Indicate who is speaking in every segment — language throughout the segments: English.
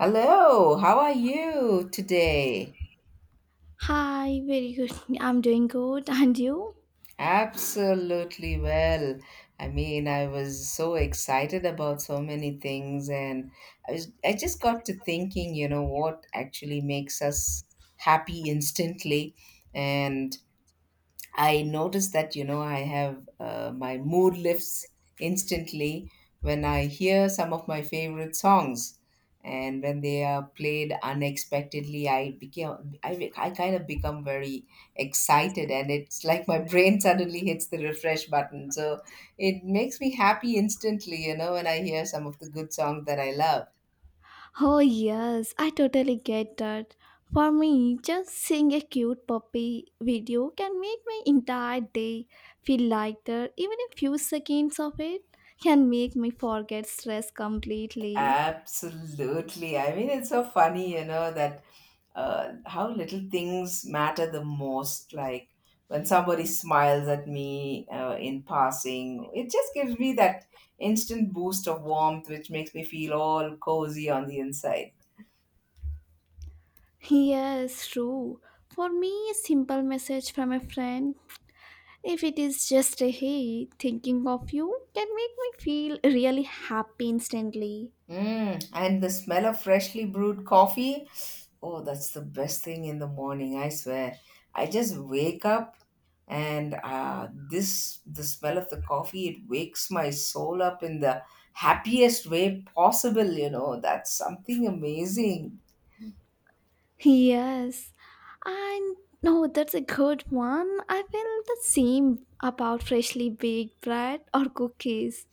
Speaker 1: Hello, how are you today?
Speaker 2: Hi, very good. I'm doing good. And you?
Speaker 1: Absolutely well. I mean, I was so excited about so many things, and I just got to thinking, you know, what actually makes us happy instantly. And I notice that, you know, I have my mood lifts instantly when I hear some of my favorite songs. And when they are played unexpectedly, I became I, be- I kind of become very excited, and it's like my brain suddenly hits the refresh button. So it makes me happy instantly, you know, when I hear some of the good songs that I love.
Speaker 2: Oh, yes, I totally get that. For me, just seeing a cute puppy video can make my entire day feel lighter. Even a few seconds of it can make me forget stress completely.
Speaker 1: Absolutely, I mean it's so funny, you know, that how little things matter the most. Like when somebody smiles at me in passing, it just gives me that instant boost of warmth, which makes me feel all cozy on the inside.
Speaker 2: Yes, true. For me, a simple message from a friend, if it is just a hey, thinking of you, can make me feel really happy instantly.
Speaker 1: Mm, and the smell of freshly brewed coffee. Oh, that's the best thing in the morning, I swear. I just wake up and this the smell of the coffee, it wakes my soul up in the happiest way possible, you know. That's something amazing.
Speaker 2: Yes, and no, that's a good one. I feel the same about freshly baked bread or cookies.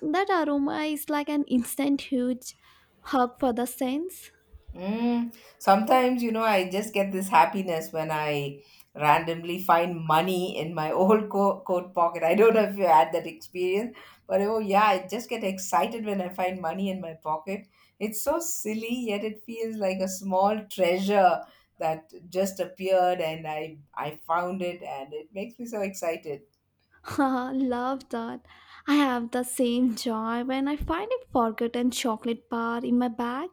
Speaker 2: That aroma is like an instant huge hug for the sense.
Speaker 1: Mm, sometimes, you know, I just get this happiness when I randomly find money in my coat pocket. I don't know if you had that experience, but oh, yeah, I just get excited when I find money in my pocket. It's so silly, yet it feels like a small treasure that just appeared and I found it and it makes me so excited.
Speaker 2: Love that. I have the same joy when I find a forgotten chocolate bar in my bag.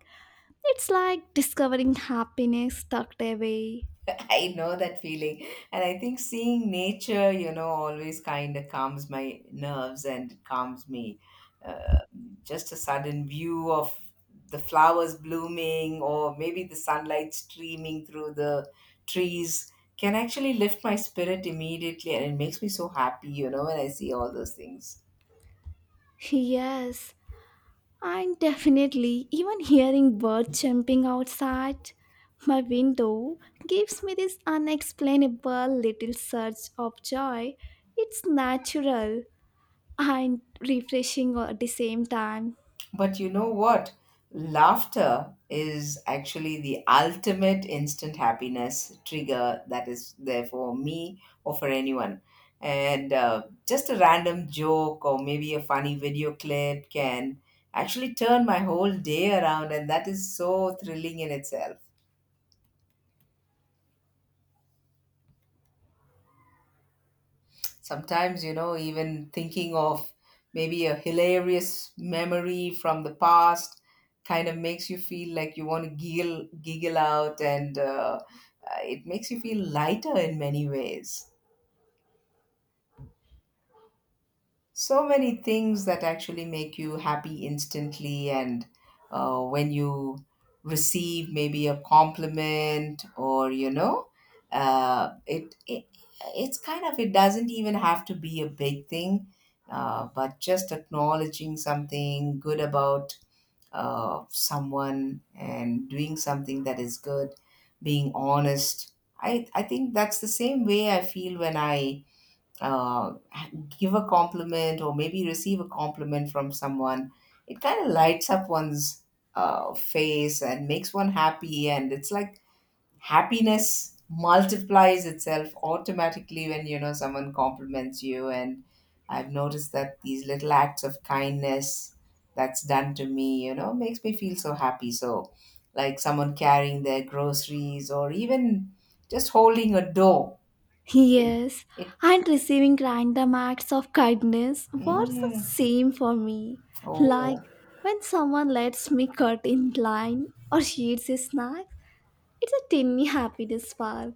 Speaker 2: It's like discovering happiness tucked away.
Speaker 1: I know that feeling. And I think seeing nature, you know, always kind of calms my nerves and calms me uh, just a sudden view of the flowers blooming or maybe the sunlight streaming through the trees can actually lift my spirit immediately and it makes me so happy, you know, when I see all those things.
Speaker 2: Yes, and definitely, even hearing birds chirping outside my window gives me this unexplainable little surge of joy. It's natural and refreshing at the same time.
Speaker 1: But you know what? Laughter is actually the ultimate instant happiness trigger that is there for me or for anyone. And just a random joke or maybe a funny video clip can actually turn my whole day around, and that is so thrilling in itself. Sometimes, you know, even thinking of maybe a hilarious memory from the past kind of makes you feel like you want to giggle, giggle out, and it makes you feel lighter in many ways. So many things that actually make you happy instantly. And when you receive maybe a compliment or you know uh, it, it it's kind of, it doesn't even have to be a big thing, but just acknowledging something good about someone and doing something that is good, being honest. I think that's the same way I feel when I uh, give a compliment or maybe receive a compliment from someone. It kind of lights up one's face and makes one happy. And it's like happiness multiplies itself automatically when you know someone compliments you. And I've noticed that these little acts of kindness that's done to me, you know, makes me feel so happy. So, like someone carrying their groceries or even just holding a door.
Speaker 2: Yes,
Speaker 1: It,
Speaker 2: and receiving random acts of kindness was the
Speaker 1: mm.
Speaker 2: same for me. Like
Speaker 1: Oh,
Speaker 2: when someone lets me cut in line or shares a snack, it's a tiny happiness spark.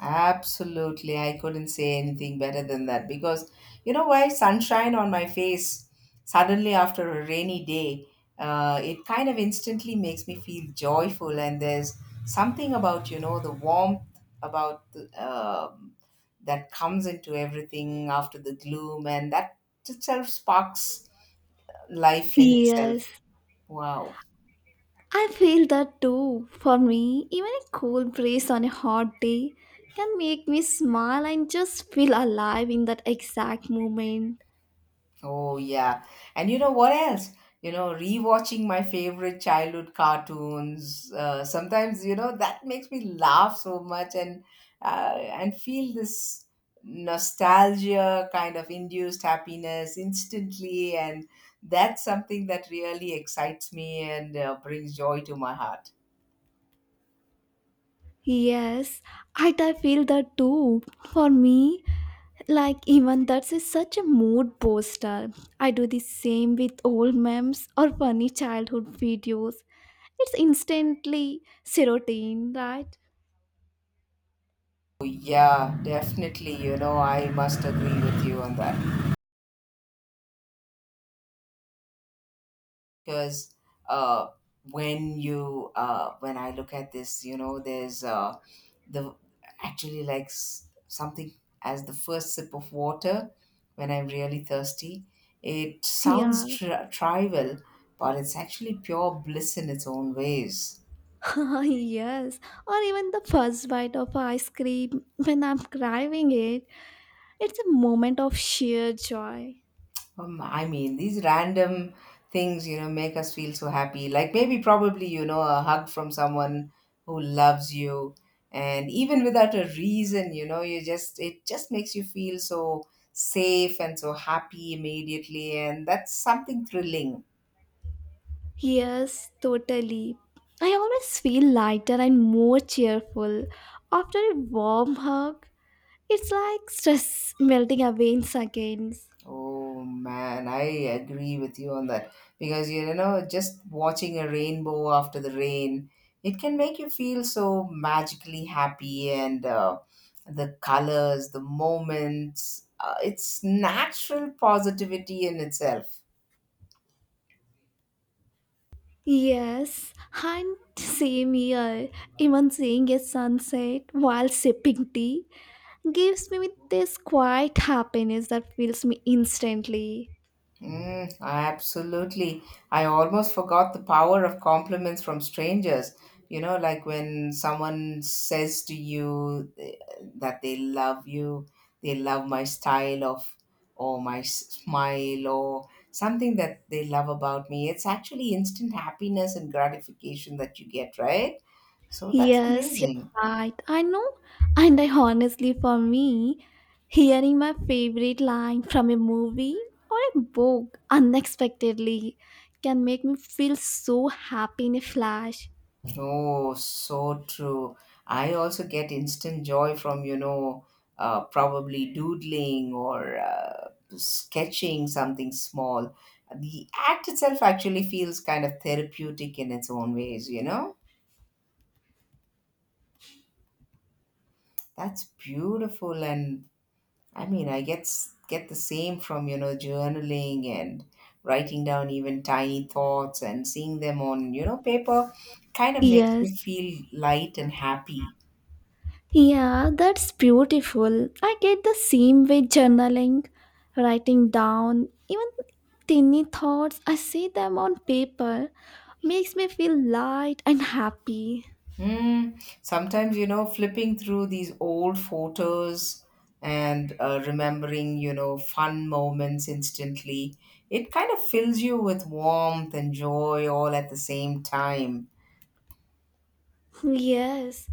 Speaker 1: absolutely. I couldn't say anything better than that because you know why? Sunshine on my face suddenly after a rainy day, it kind of instantly makes me feel joyful. And there's something about, you know, the warmth about that comes into everything after the gloom, and that itself sparks life in itself.
Speaker 2: Yes,
Speaker 1: Wow.
Speaker 2: I feel that too. For me, even a cool breeze on a hot day can make me smile and just feel alive in that exact moment.
Speaker 1: Oh, yeah. And you know what else? You know, rewatching my favorite childhood cartoons. Sometimes, you know, that makes me laugh so much and feel this nostalgia kind of induced happiness instantly. And that's something that really excites me and brings joy to my heart.
Speaker 2: Yes, I feel that too. For me, like even that's a, such a mood booster. I do the same with old memes or funny childhood videos. It's instantly serotonin, right?
Speaker 1: Oh, yeah, definitely. You know, I must agree with you on that, because uh, when I look at this, you know, there's the actually like something as the first sip of water when I'm really thirsty. It sounds
Speaker 2: Yeah.
Speaker 1: trivial, but it's actually pure bliss in its own ways.
Speaker 2: Yes, or even the first bite of ice cream when I'm craving it. It's a moment of sheer joy.
Speaker 1: I mean, these random things, you know, make us feel so happy. Like maybe, probably, you know, a hug from someone who loves you. And even without a reason, you know, it just makes you feel so safe and so happy immediately. And that's something thrilling.
Speaker 2: Yes, totally. I always feel lighter and more cheerful after a warm hug. It's like stress melting away in seconds.
Speaker 1: Oh man, I agree with you on that because you know, just watching a rainbow after the rain, it can make you feel so magically happy, and the colors, the moments, it's natural positivity in itself.
Speaker 2: Yes, and same here. Even seeing a sunset while sipping tea gives me this quiet happiness that fills me instantly.
Speaker 1: Mm, absolutely. I almost forgot the power of compliments from strangers. You know, like when someone says to you that they love you, they love my style of, or my smile, or something that they love about me. It's actually instant happiness and gratification that you get, right? So that's
Speaker 2: Yes, you're
Speaker 1: amazing.
Speaker 2: right. I know. And I honestly, for me, hearing my favorite line from a movie or a book unexpectedly can make me feel so happy in a flash.
Speaker 1: Oh, so true. I also get instant joy from, you know, probably doodling or sketching something small. The act itself actually feels kind of therapeutic in its own ways, you know? That's beautiful. And I mean, get the same from, you know, journaling and writing down even tiny thoughts and seeing them on, you know, paper kind of makes
Speaker 2: Yes.
Speaker 1: me feel light and happy.
Speaker 2: Yeah, that's beautiful. I get the same way journaling, writing down, even tiny thoughts, I see them on paper, makes me feel light and happy.
Speaker 1: Mm, sometimes, you know, flipping through these old photos and remembering, you know, fun moments instantly, it kind of fills you with warmth and joy all at the same time.
Speaker 2: Yes,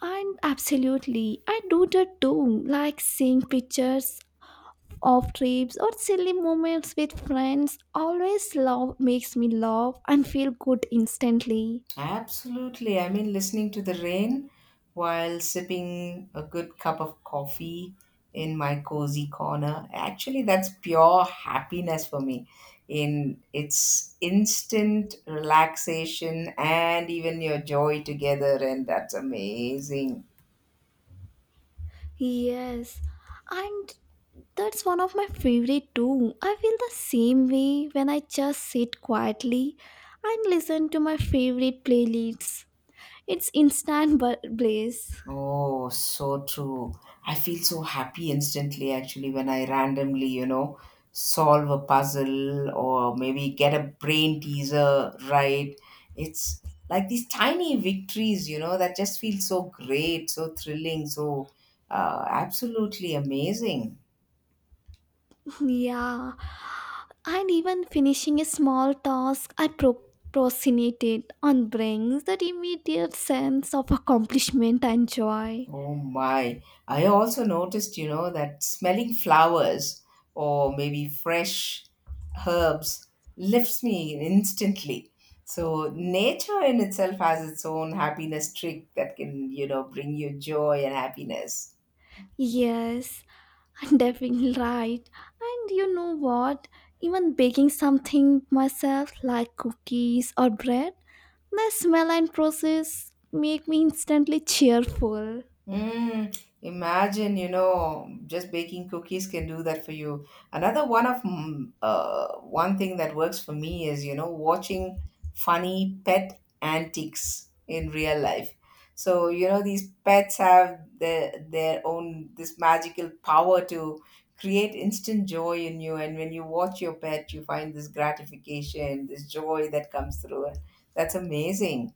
Speaker 2: and absolutely. I do that too, like seeing pictures of trips or silly moments with friends. Always love makes me laugh and feel good instantly.
Speaker 1: Absolutely. I mean, listening to the rain while sipping a good cup of coffee in my cozy corner. Actually, that's pure happiness for me. In it's instant relaxation and even your joy together, and that's amazing.
Speaker 2: Yes, and that's one of my favorite too. I feel the same way when I just sit quietly and listen to my favorite playlists. It's instant bliss.
Speaker 1: Oh, so true. I feel so happy instantly actually when I randomly, you know, solve a puzzle or maybe get a brain teaser right. It's like these tiny victories, you know, that just feel so great, so thrilling, so absolutely amazing.
Speaker 2: Yeah, and even finishing a small task, I procrastinated on brings that immediate sense of accomplishment and joy.
Speaker 1: Oh my. I also noticed, you know, that smelling flowers or maybe fresh herbs lifts me instantly. So nature in itself has its own happiness trick that can, you know, bring you joy and happiness.
Speaker 2: Yes, and definitely right. And you know what? Even baking something myself like cookies or bread, the smell and process make me instantly cheerful.
Speaker 1: Mm, imagine, you know, just baking cookies can do that for you. Another one of one thing that works for me is, you know, watching funny pet antics in real life. So, you know, these pets have their own this magical power to create instant joy in you. And when you watch your pet, you find this gratification, this joy that comes through it. That's amazing.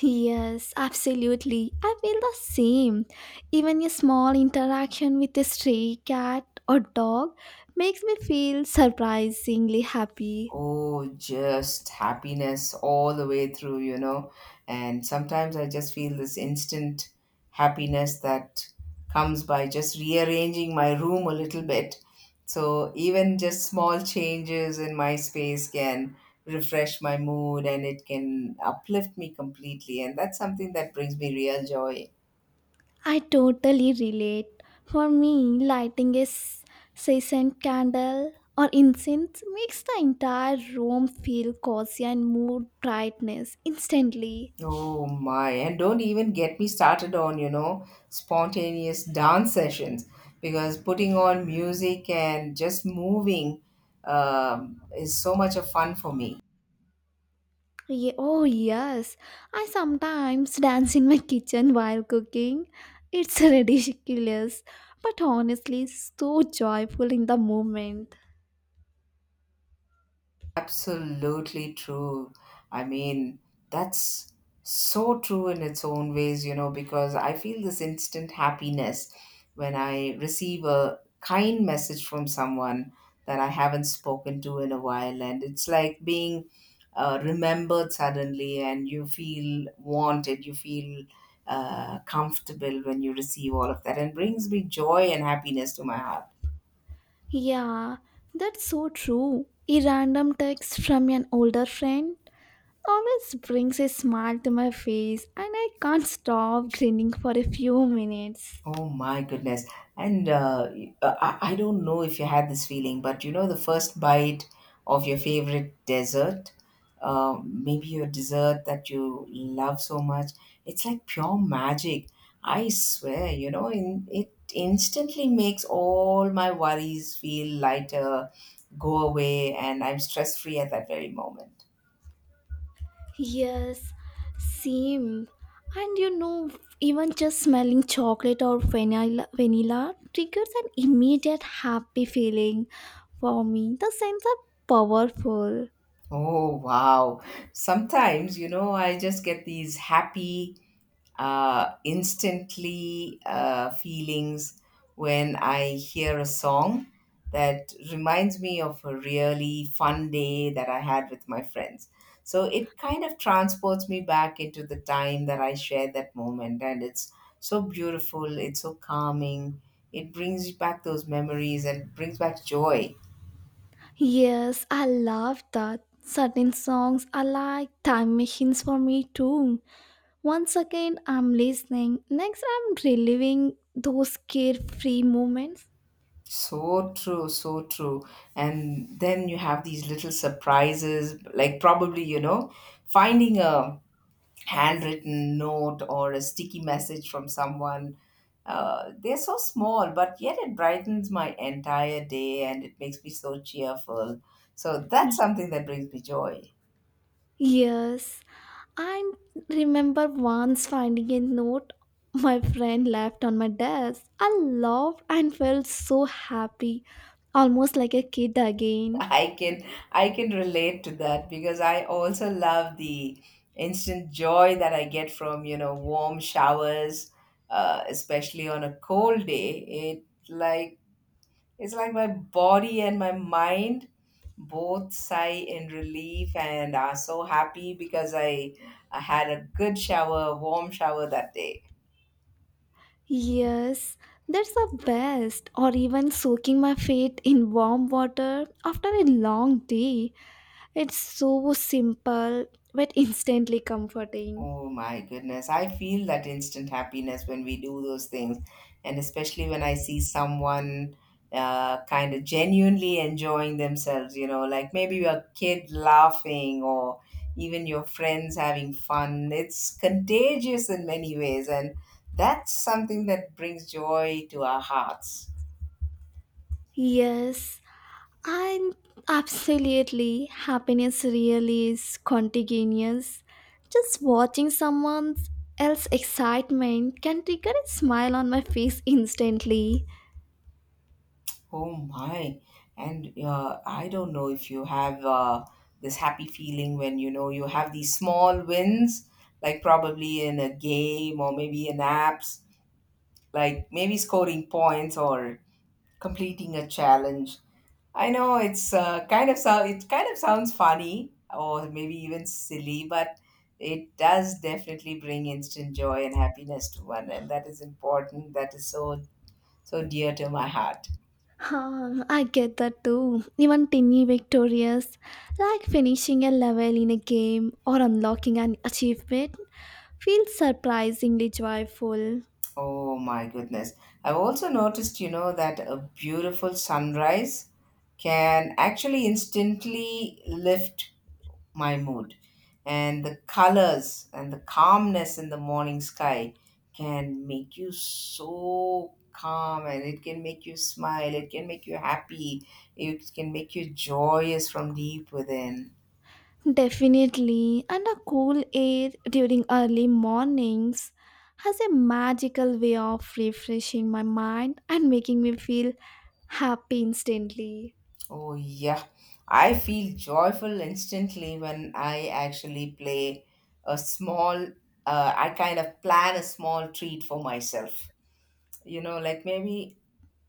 Speaker 2: Yes, absolutely. I feel the same. Even a small interaction with a stray cat or dog makes me feel surprisingly happy.
Speaker 1: Oh, just happiness all the way through, you know. And sometimes I just feel this instant happiness that comes by just rearranging my room a little bit. So even just small changes in my space can refresh my mood and it can uplift me completely. And that's something that brings me real joy.
Speaker 2: I totally relate. For me, lighting a scented candle or incense makes the entire room feel cozy and mood brightness instantly.
Speaker 1: Oh my, and don't even get me started on, you know, spontaneous dance sessions because putting on music and just moving is so much of fun for me.
Speaker 2: Oh, yes. I sometimes dance in my kitchen while cooking. It's ridiculous, but honestly, so joyful in the moment.
Speaker 1: Absolutely true. I mean, that's so true in its own ways, you know, because I feel this instant happiness when I receive a kind message from someone that I haven't spoken to in a while. And it's like being remembered suddenly, and you feel wanted, you feel comfortable when you receive all of that, and brings me joy and happiness to my heart.
Speaker 2: Yeah, that's so true. A random text from an older friend always brings a smile to my face, and I can't stop grinning for a few minutes.
Speaker 1: Oh my goodness. And I don't know if you had this feeling, but you know, the first bite of your favorite dessert, maybe your dessert that you love so much, it's like pure magic. I swear, you know, it instantly makes all my worries feel lighter, go away, and I'm stress free at that very moment.
Speaker 2: Yes, same. And you know, even just smelling chocolate or vanilla triggers an immediate happy feeling for me. The scents are powerful.
Speaker 1: Oh, wow. Sometimes, you know, I just get these happy instantly feelings when I hear a song that reminds me of a really fun day that I had with my friends. So it kind of transports me back into the time that I shared that moment, and it's so beautiful, it's so calming, it brings back those memories and brings back joy.
Speaker 2: Yes, I love that. Certain songs are like time machines for me too. One second I'm listening, next I'm reliving those carefree moments.
Speaker 1: So true, so true. And then you have these little surprises, like probably, you know, finding a handwritten note or a sticky message from someone. They're so small, but yet it brightens my entire day and it makes me so cheerful. So that's
Speaker 2: Y-
Speaker 1: something that brings me joy.
Speaker 2: Yes. I remember once finding a note my friend left on my desk. I laughed and felt so happy, almost like a kid again.
Speaker 1: I can I can relate to that because I also love the instant joy that I get from, you know, warm showers, especially on a cold day. It's like my body and my mind both sigh in relief and are so happy because I had a good shower, warm shower that day.
Speaker 2: Yes, that's the best, or even soaking my feet in warm water after a long day. It's so simple but instantly comforting.
Speaker 1: Oh my goodness. I feel that instant happiness when we do those things. And especially when I see someone kind of genuinely enjoying themselves, you know, like maybe your kid laughing or even your friends having fun. It's contagious in many ways. And that's something that brings joy to our hearts.
Speaker 2: Yes, I'm absolutely happiness really is contagious. Just watching someone else's excitement can trigger a smile on my face instantly.
Speaker 1: Oh my. And I don't know if you have this happy feeling when you know you have these small wins, like probably in a game or maybe in apps, like maybe scoring points or completing a challenge. I know it's kind of sounds funny or maybe even silly, but it does definitely bring instant joy and happiness to one, and that is important. That is so dear to my heart.
Speaker 2: Huh, I get that too. Even tiny victorious, like finishing a level in a game or unlocking an achievement, feels surprisingly joyful.
Speaker 1: Oh my goodness. I've also noticed, you know, that a beautiful sunrise can actually instantly lift my mood. And the colors and the calmness in the morning sky can make you so calm and it can make you smile, it can make you happy, it can make you joyous from deep within.
Speaker 2: Definitely, and the cool air during early mornings has a magical way of refreshing my mind and making me feel happy instantly.
Speaker 1: Oh, yeah. I feel joyful instantly when I actually play a small, I kind of plan a small treat for myself. You know, like maybe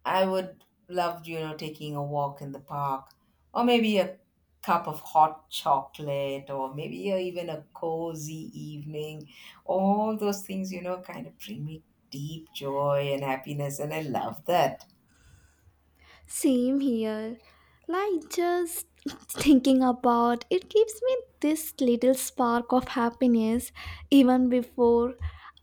Speaker 1: I would love, you know, taking a walk in the park or maybe a cup of hot chocolate or maybe a, even a cozy evening. All those things, you know, kind of bring me deep joy and happiness. And I love that.
Speaker 2: Same here. Like just thinking about it gives me this little spark of happiness even before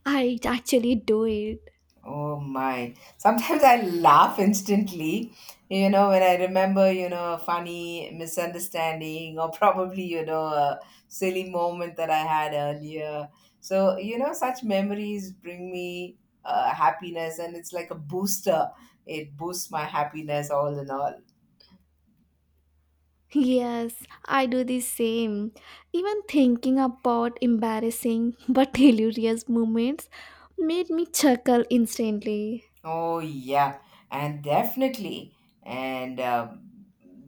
Speaker 2: I actually do it.
Speaker 1: Oh my. Sometimes I laugh instantly, you know, when I remember, you know, a funny misunderstanding or probably, you know, a silly moment that I had earlier. So, you know, such memories bring me happiness and it's like a booster. It boosts my happiness all in all.
Speaker 2: Yes, I do the same. Even thinking about embarrassing but hilarious moments made me chuckle instantly.
Speaker 1: Oh yeah, and definitely. And um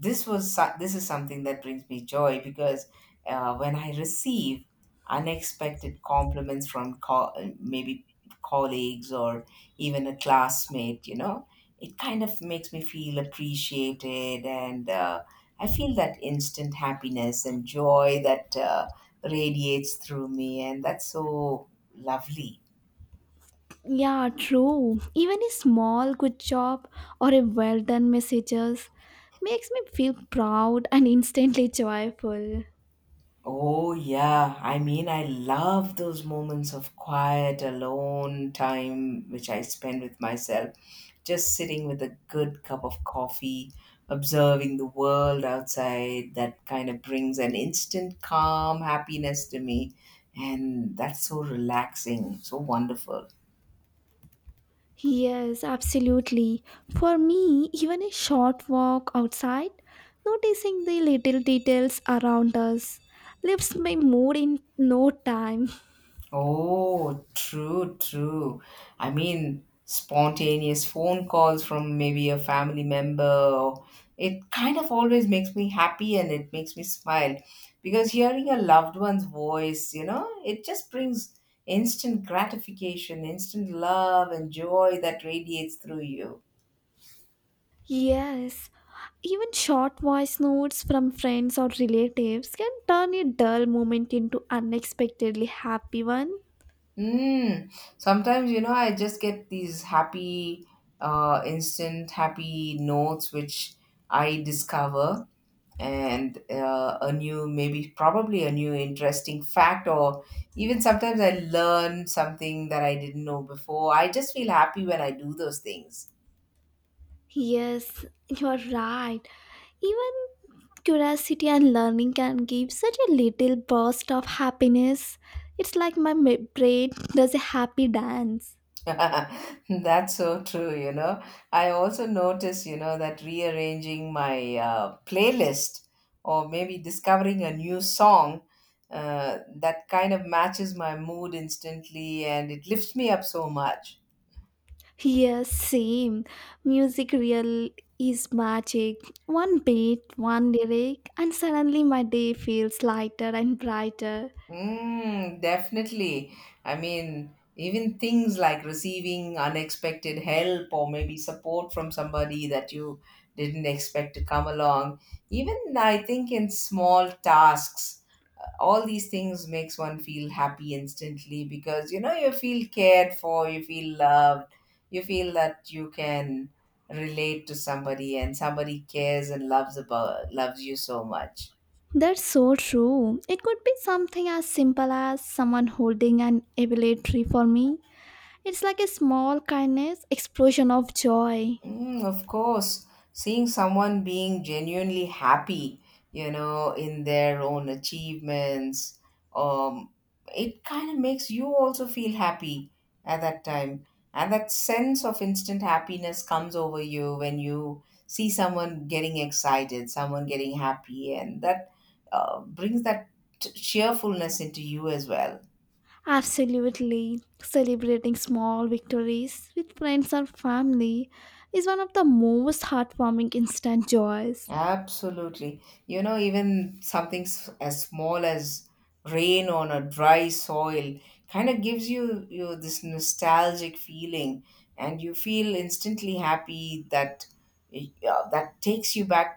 Speaker 1: this was so- this is something that brings me joy because when I receive unexpected compliments from co- maybe colleagues or even a classmate, you know, it kind of makes me feel appreciated, and I feel that instant happiness and joy that radiates through me, and that's so lovely.
Speaker 2: Yeah, true. Even a small good job or a well done messages makes me feel proud and instantly joyful.
Speaker 1: Oh, yeah. I mean, I love those moments of quiet, alone time which I spend with myself, just sitting with a good cup of coffee, observing the world outside. That kind of brings an instant calm, happiness to me. And that's so relaxing, so wonderful.
Speaker 2: Yes, absolutely. For me, even a short walk outside, noticing the little details around us lifts my mood in no time.
Speaker 1: Oh, true, true. I mean, spontaneous phone calls from maybe a family member, or- it kind of always makes me happy and it makes me smile because hearing a loved one's voice, you know, it just brings instant gratification, instant love and joy that radiates through you.
Speaker 2: Yes, even short voice notes from friends or relatives can turn a dull moment into unexpectedly happy one.
Speaker 1: Mm. Sometimes, you know, I just get these instant happy notes which I discover, and a new, maybe probably a new interesting fact, or even sometimes I learn something that I didn't know before. I just feel happy when I do those things.
Speaker 2: Yes, you are right. Even curiosity and learning can give such a little burst of happiness. It's like my brain does a happy dance.
Speaker 1: That's so true, you know. I also notice, you know, that rearranging my playlist or maybe discovering a new song that kind of matches my mood instantly and it lifts me up so much.
Speaker 2: Yes, same. Music real is magic. One beat, one lyric, and suddenly my day feels lighter and brighter.
Speaker 1: Mm, definitely. I mean, even things like receiving unexpected help or maybe support from somebody that you didn't expect to come along. Even I think in small tasks, all these things makes one feel happy instantly because you know you feel cared for, you feel loved, you feel that you can relate to somebody and somebody cares and loves you so much.
Speaker 2: That's so true. It could be something as simple as someone holding an ability for me. It's like a small kindness, explosion of joy.
Speaker 1: Mm, of course, seeing someone being genuinely happy, you know, in their own achievements, um, it kind of makes you also feel happy at that time. And that sense of instant happiness comes over you when you see someone getting excited, someone getting happy, and that brings that cheerfulness into you as well.
Speaker 2: Absolutely. Celebrating small victories with friends or family is one of the most heartwarming instant joys.
Speaker 1: Absolutely. You know, even something as small as rain on a dry soil kind of gives you this nostalgic feeling, and you feel instantly happy that yeah, that takes you back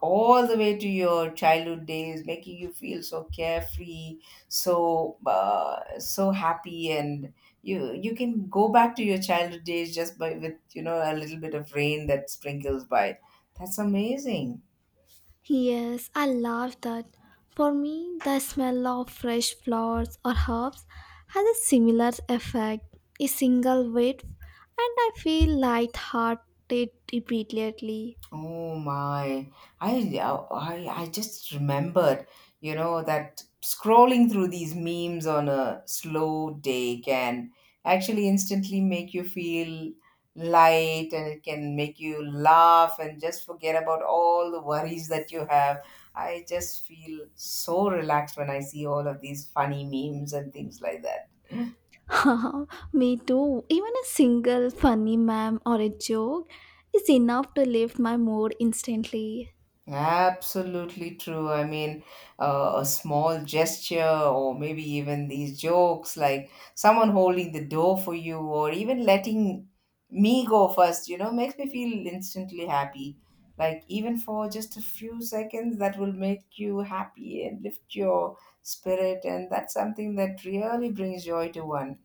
Speaker 1: all the way to your childhood days, making you feel so carefree, so happy, and you can go back to your childhood days just by with you know a little bit of rain that sprinkles by. That's amazing.
Speaker 2: Yes, I love that. For me, the smell of fresh flowers or herbs has a similar effect. A single whiff, and I feel light-hearted immediately.
Speaker 1: Oh my. I, I just remembered, you know, that scrolling through these memes on a slow day can actually instantly make you feel light and it can make you laugh and just forget about all the worries that you have. I just feel so relaxed when I see all of these funny memes and things like that.
Speaker 2: Haha, me too. Even a single funny meme or a joke is enough to lift my mood instantly.
Speaker 1: Absolutely true. I mean, a small gesture, or maybe even these jokes, like someone holding the door for you, or even letting me go first, you know, makes me feel instantly happy. Like, even for just a few seconds, that will make you happy and lift your spirit. And that's something that really brings joy to one.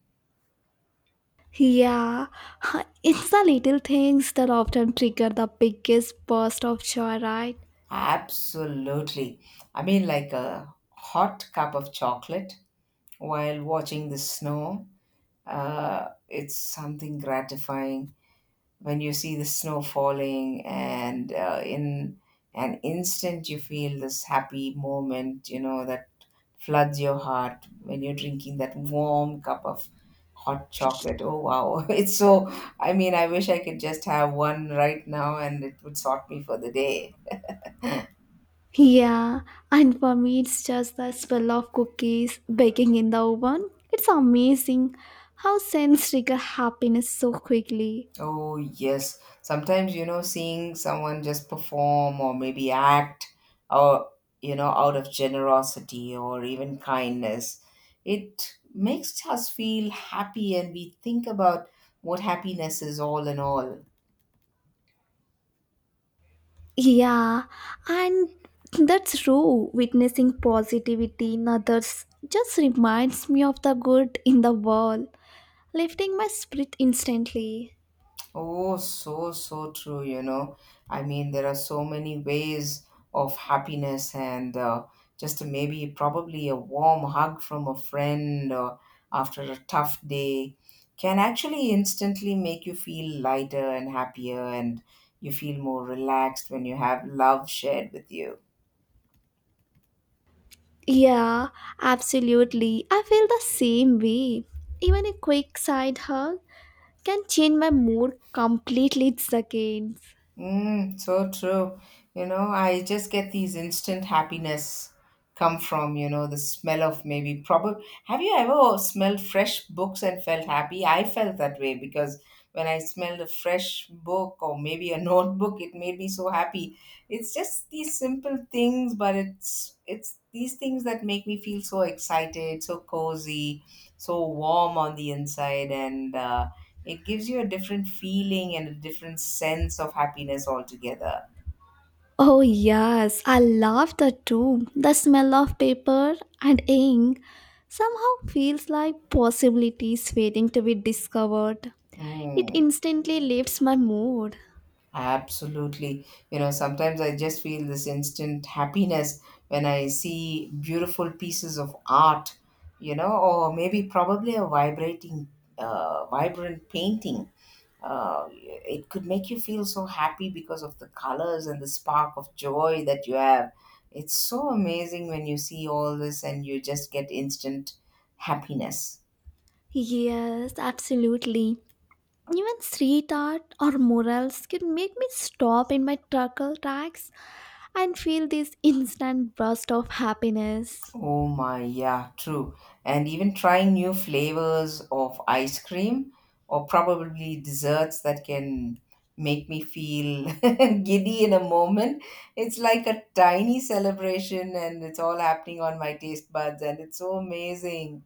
Speaker 2: Yeah, it's the little things that often trigger the biggest burst of joy, right?
Speaker 1: Absolutely. I mean, like a hot cup of chocolate while watching the snow. It's something gratifying when you see the snow falling, and in an instant, you feel this happy moment, you know, that floods your heart when you're drinking that warm cup of hot chocolate. Oh, wow. It's so, I mean, I wish I could just have one right now and it would sort me for the day.
Speaker 2: Yeah, and for me, it's just the smell of cookies baking in the oven. It's amazing how scents trigger happiness so quickly.
Speaker 1: Oh, yes. Sometimes, you know, seeing someone just perform or maybe act or, you know, out of generosity or even kindness, it makes us feel happy and we think about what happiness is all in all.
Speaker 2: Yeah, and that's true. Witnessing positivity in others just reminds me of the good in the world, lifting my spirit instantly.
Speaker 1: Oh, so, so true, you know. I mean, there are so many ways of happiness, and just maybe probably a warm hug from a friend after a tough day can actually instantly make you feel lighter and happier, and you feel more relaxed when you have love shared with you.
Speaker 2: Yeah, absolutely. I feel the same way. Even a quick side hug can change my mood completely in seconds.
Speaker 1: Mm, so true. You know, I just get these instant happiness come from, you know, the smell of maybe probably. Have you ever smelled fresh books and felt happy? I felt that way because when I smelled a fresh book or maybe a notebook, it made me so happy. It's just these simple things, but it's these things that make me feel so excited, so cozy, so warm on the inside, and it gives you a different feeling and a different sense of happiness altogether.
Speaker 2: Oh, yes, I love that too. The smell of paper and ink somehow feels like possibilities waiting to be discovered. It
Speaker 1: Mm,
Speaker 2: instantly lifts my mood.
Speaker 1: absolutely. You know, sometimes I just feel this instant happiness when I see beautiful pieces of art, you know, or maybe probably a vibrant painting. It could make you feel so happy because of the colors and the spark of joy that you have. It's so amazing when you see all this and you just get instant happiness.
Speaker 2: Yes, absolutely. Even street art or murals can make me stop in my truckle tracks and feel this instant burst of happiness.
Speaker 1: Oh my, yeah, true. And even trying new flavors of ice cream or probably desserts that can make me feel giddy in a moment. It's like a tiny celebration and it's all happening on my taste buds and it's so amazing.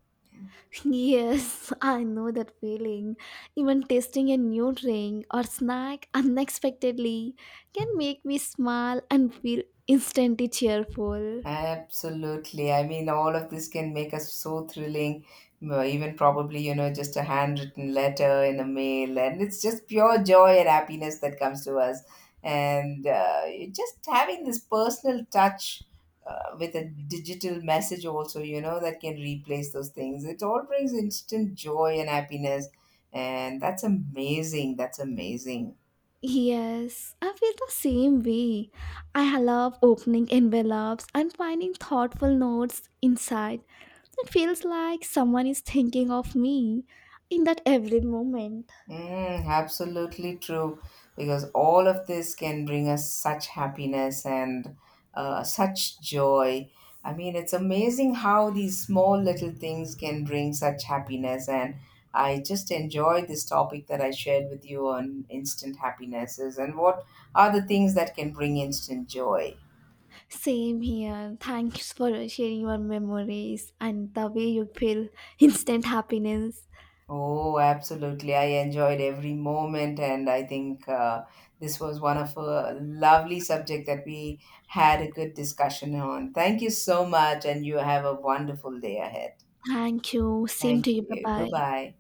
Speaker 2: Yes, I know that feeling. Even tasting a new drink or snack unexpectedly can make me smile and feel instantly cheerful.
Speaker 1: Absolutely. I mean, all of this can make us so thrilling. Even probably, you know, just a handwritten letter in a mail, and it's just pure joy and happiness that comes to us. And you just having this personal touch with a digital message, also, you know, that can replace those things. It all brings instant joy and happiness. And that's amazing. That's amazing.
Speaker 2: Yes, I feel the same way. I love opening envelopes and finding thoughtful notes inside. It feels like someone is thinking of me in that every moment.
Speaker 1: Mm, absolutely true. Because all of this can bring us such happiness and such joy. I mean, it's amazing how these small little things can bring such happiness. And I just enjoyed this topic that I shared with you on instant happinesses and what are the things that can bring instant joy.
Speaker 2: Same here. Thanks for sharing your memories and the way you feel instant happiness.
Speaker 1: Oh, absolutely. I enjoyed every moment, and I think this was one of a lovely subject that we had a good discussion on. Thank you so much, and you have a wonderful day ahead.
Speaker 2: Thank you. Same
Speaker 1: Thank
Speaker 2: to you. Bye
Speaker 1: you. Bye
Speaker 2: bye.
Speaker 1: bye.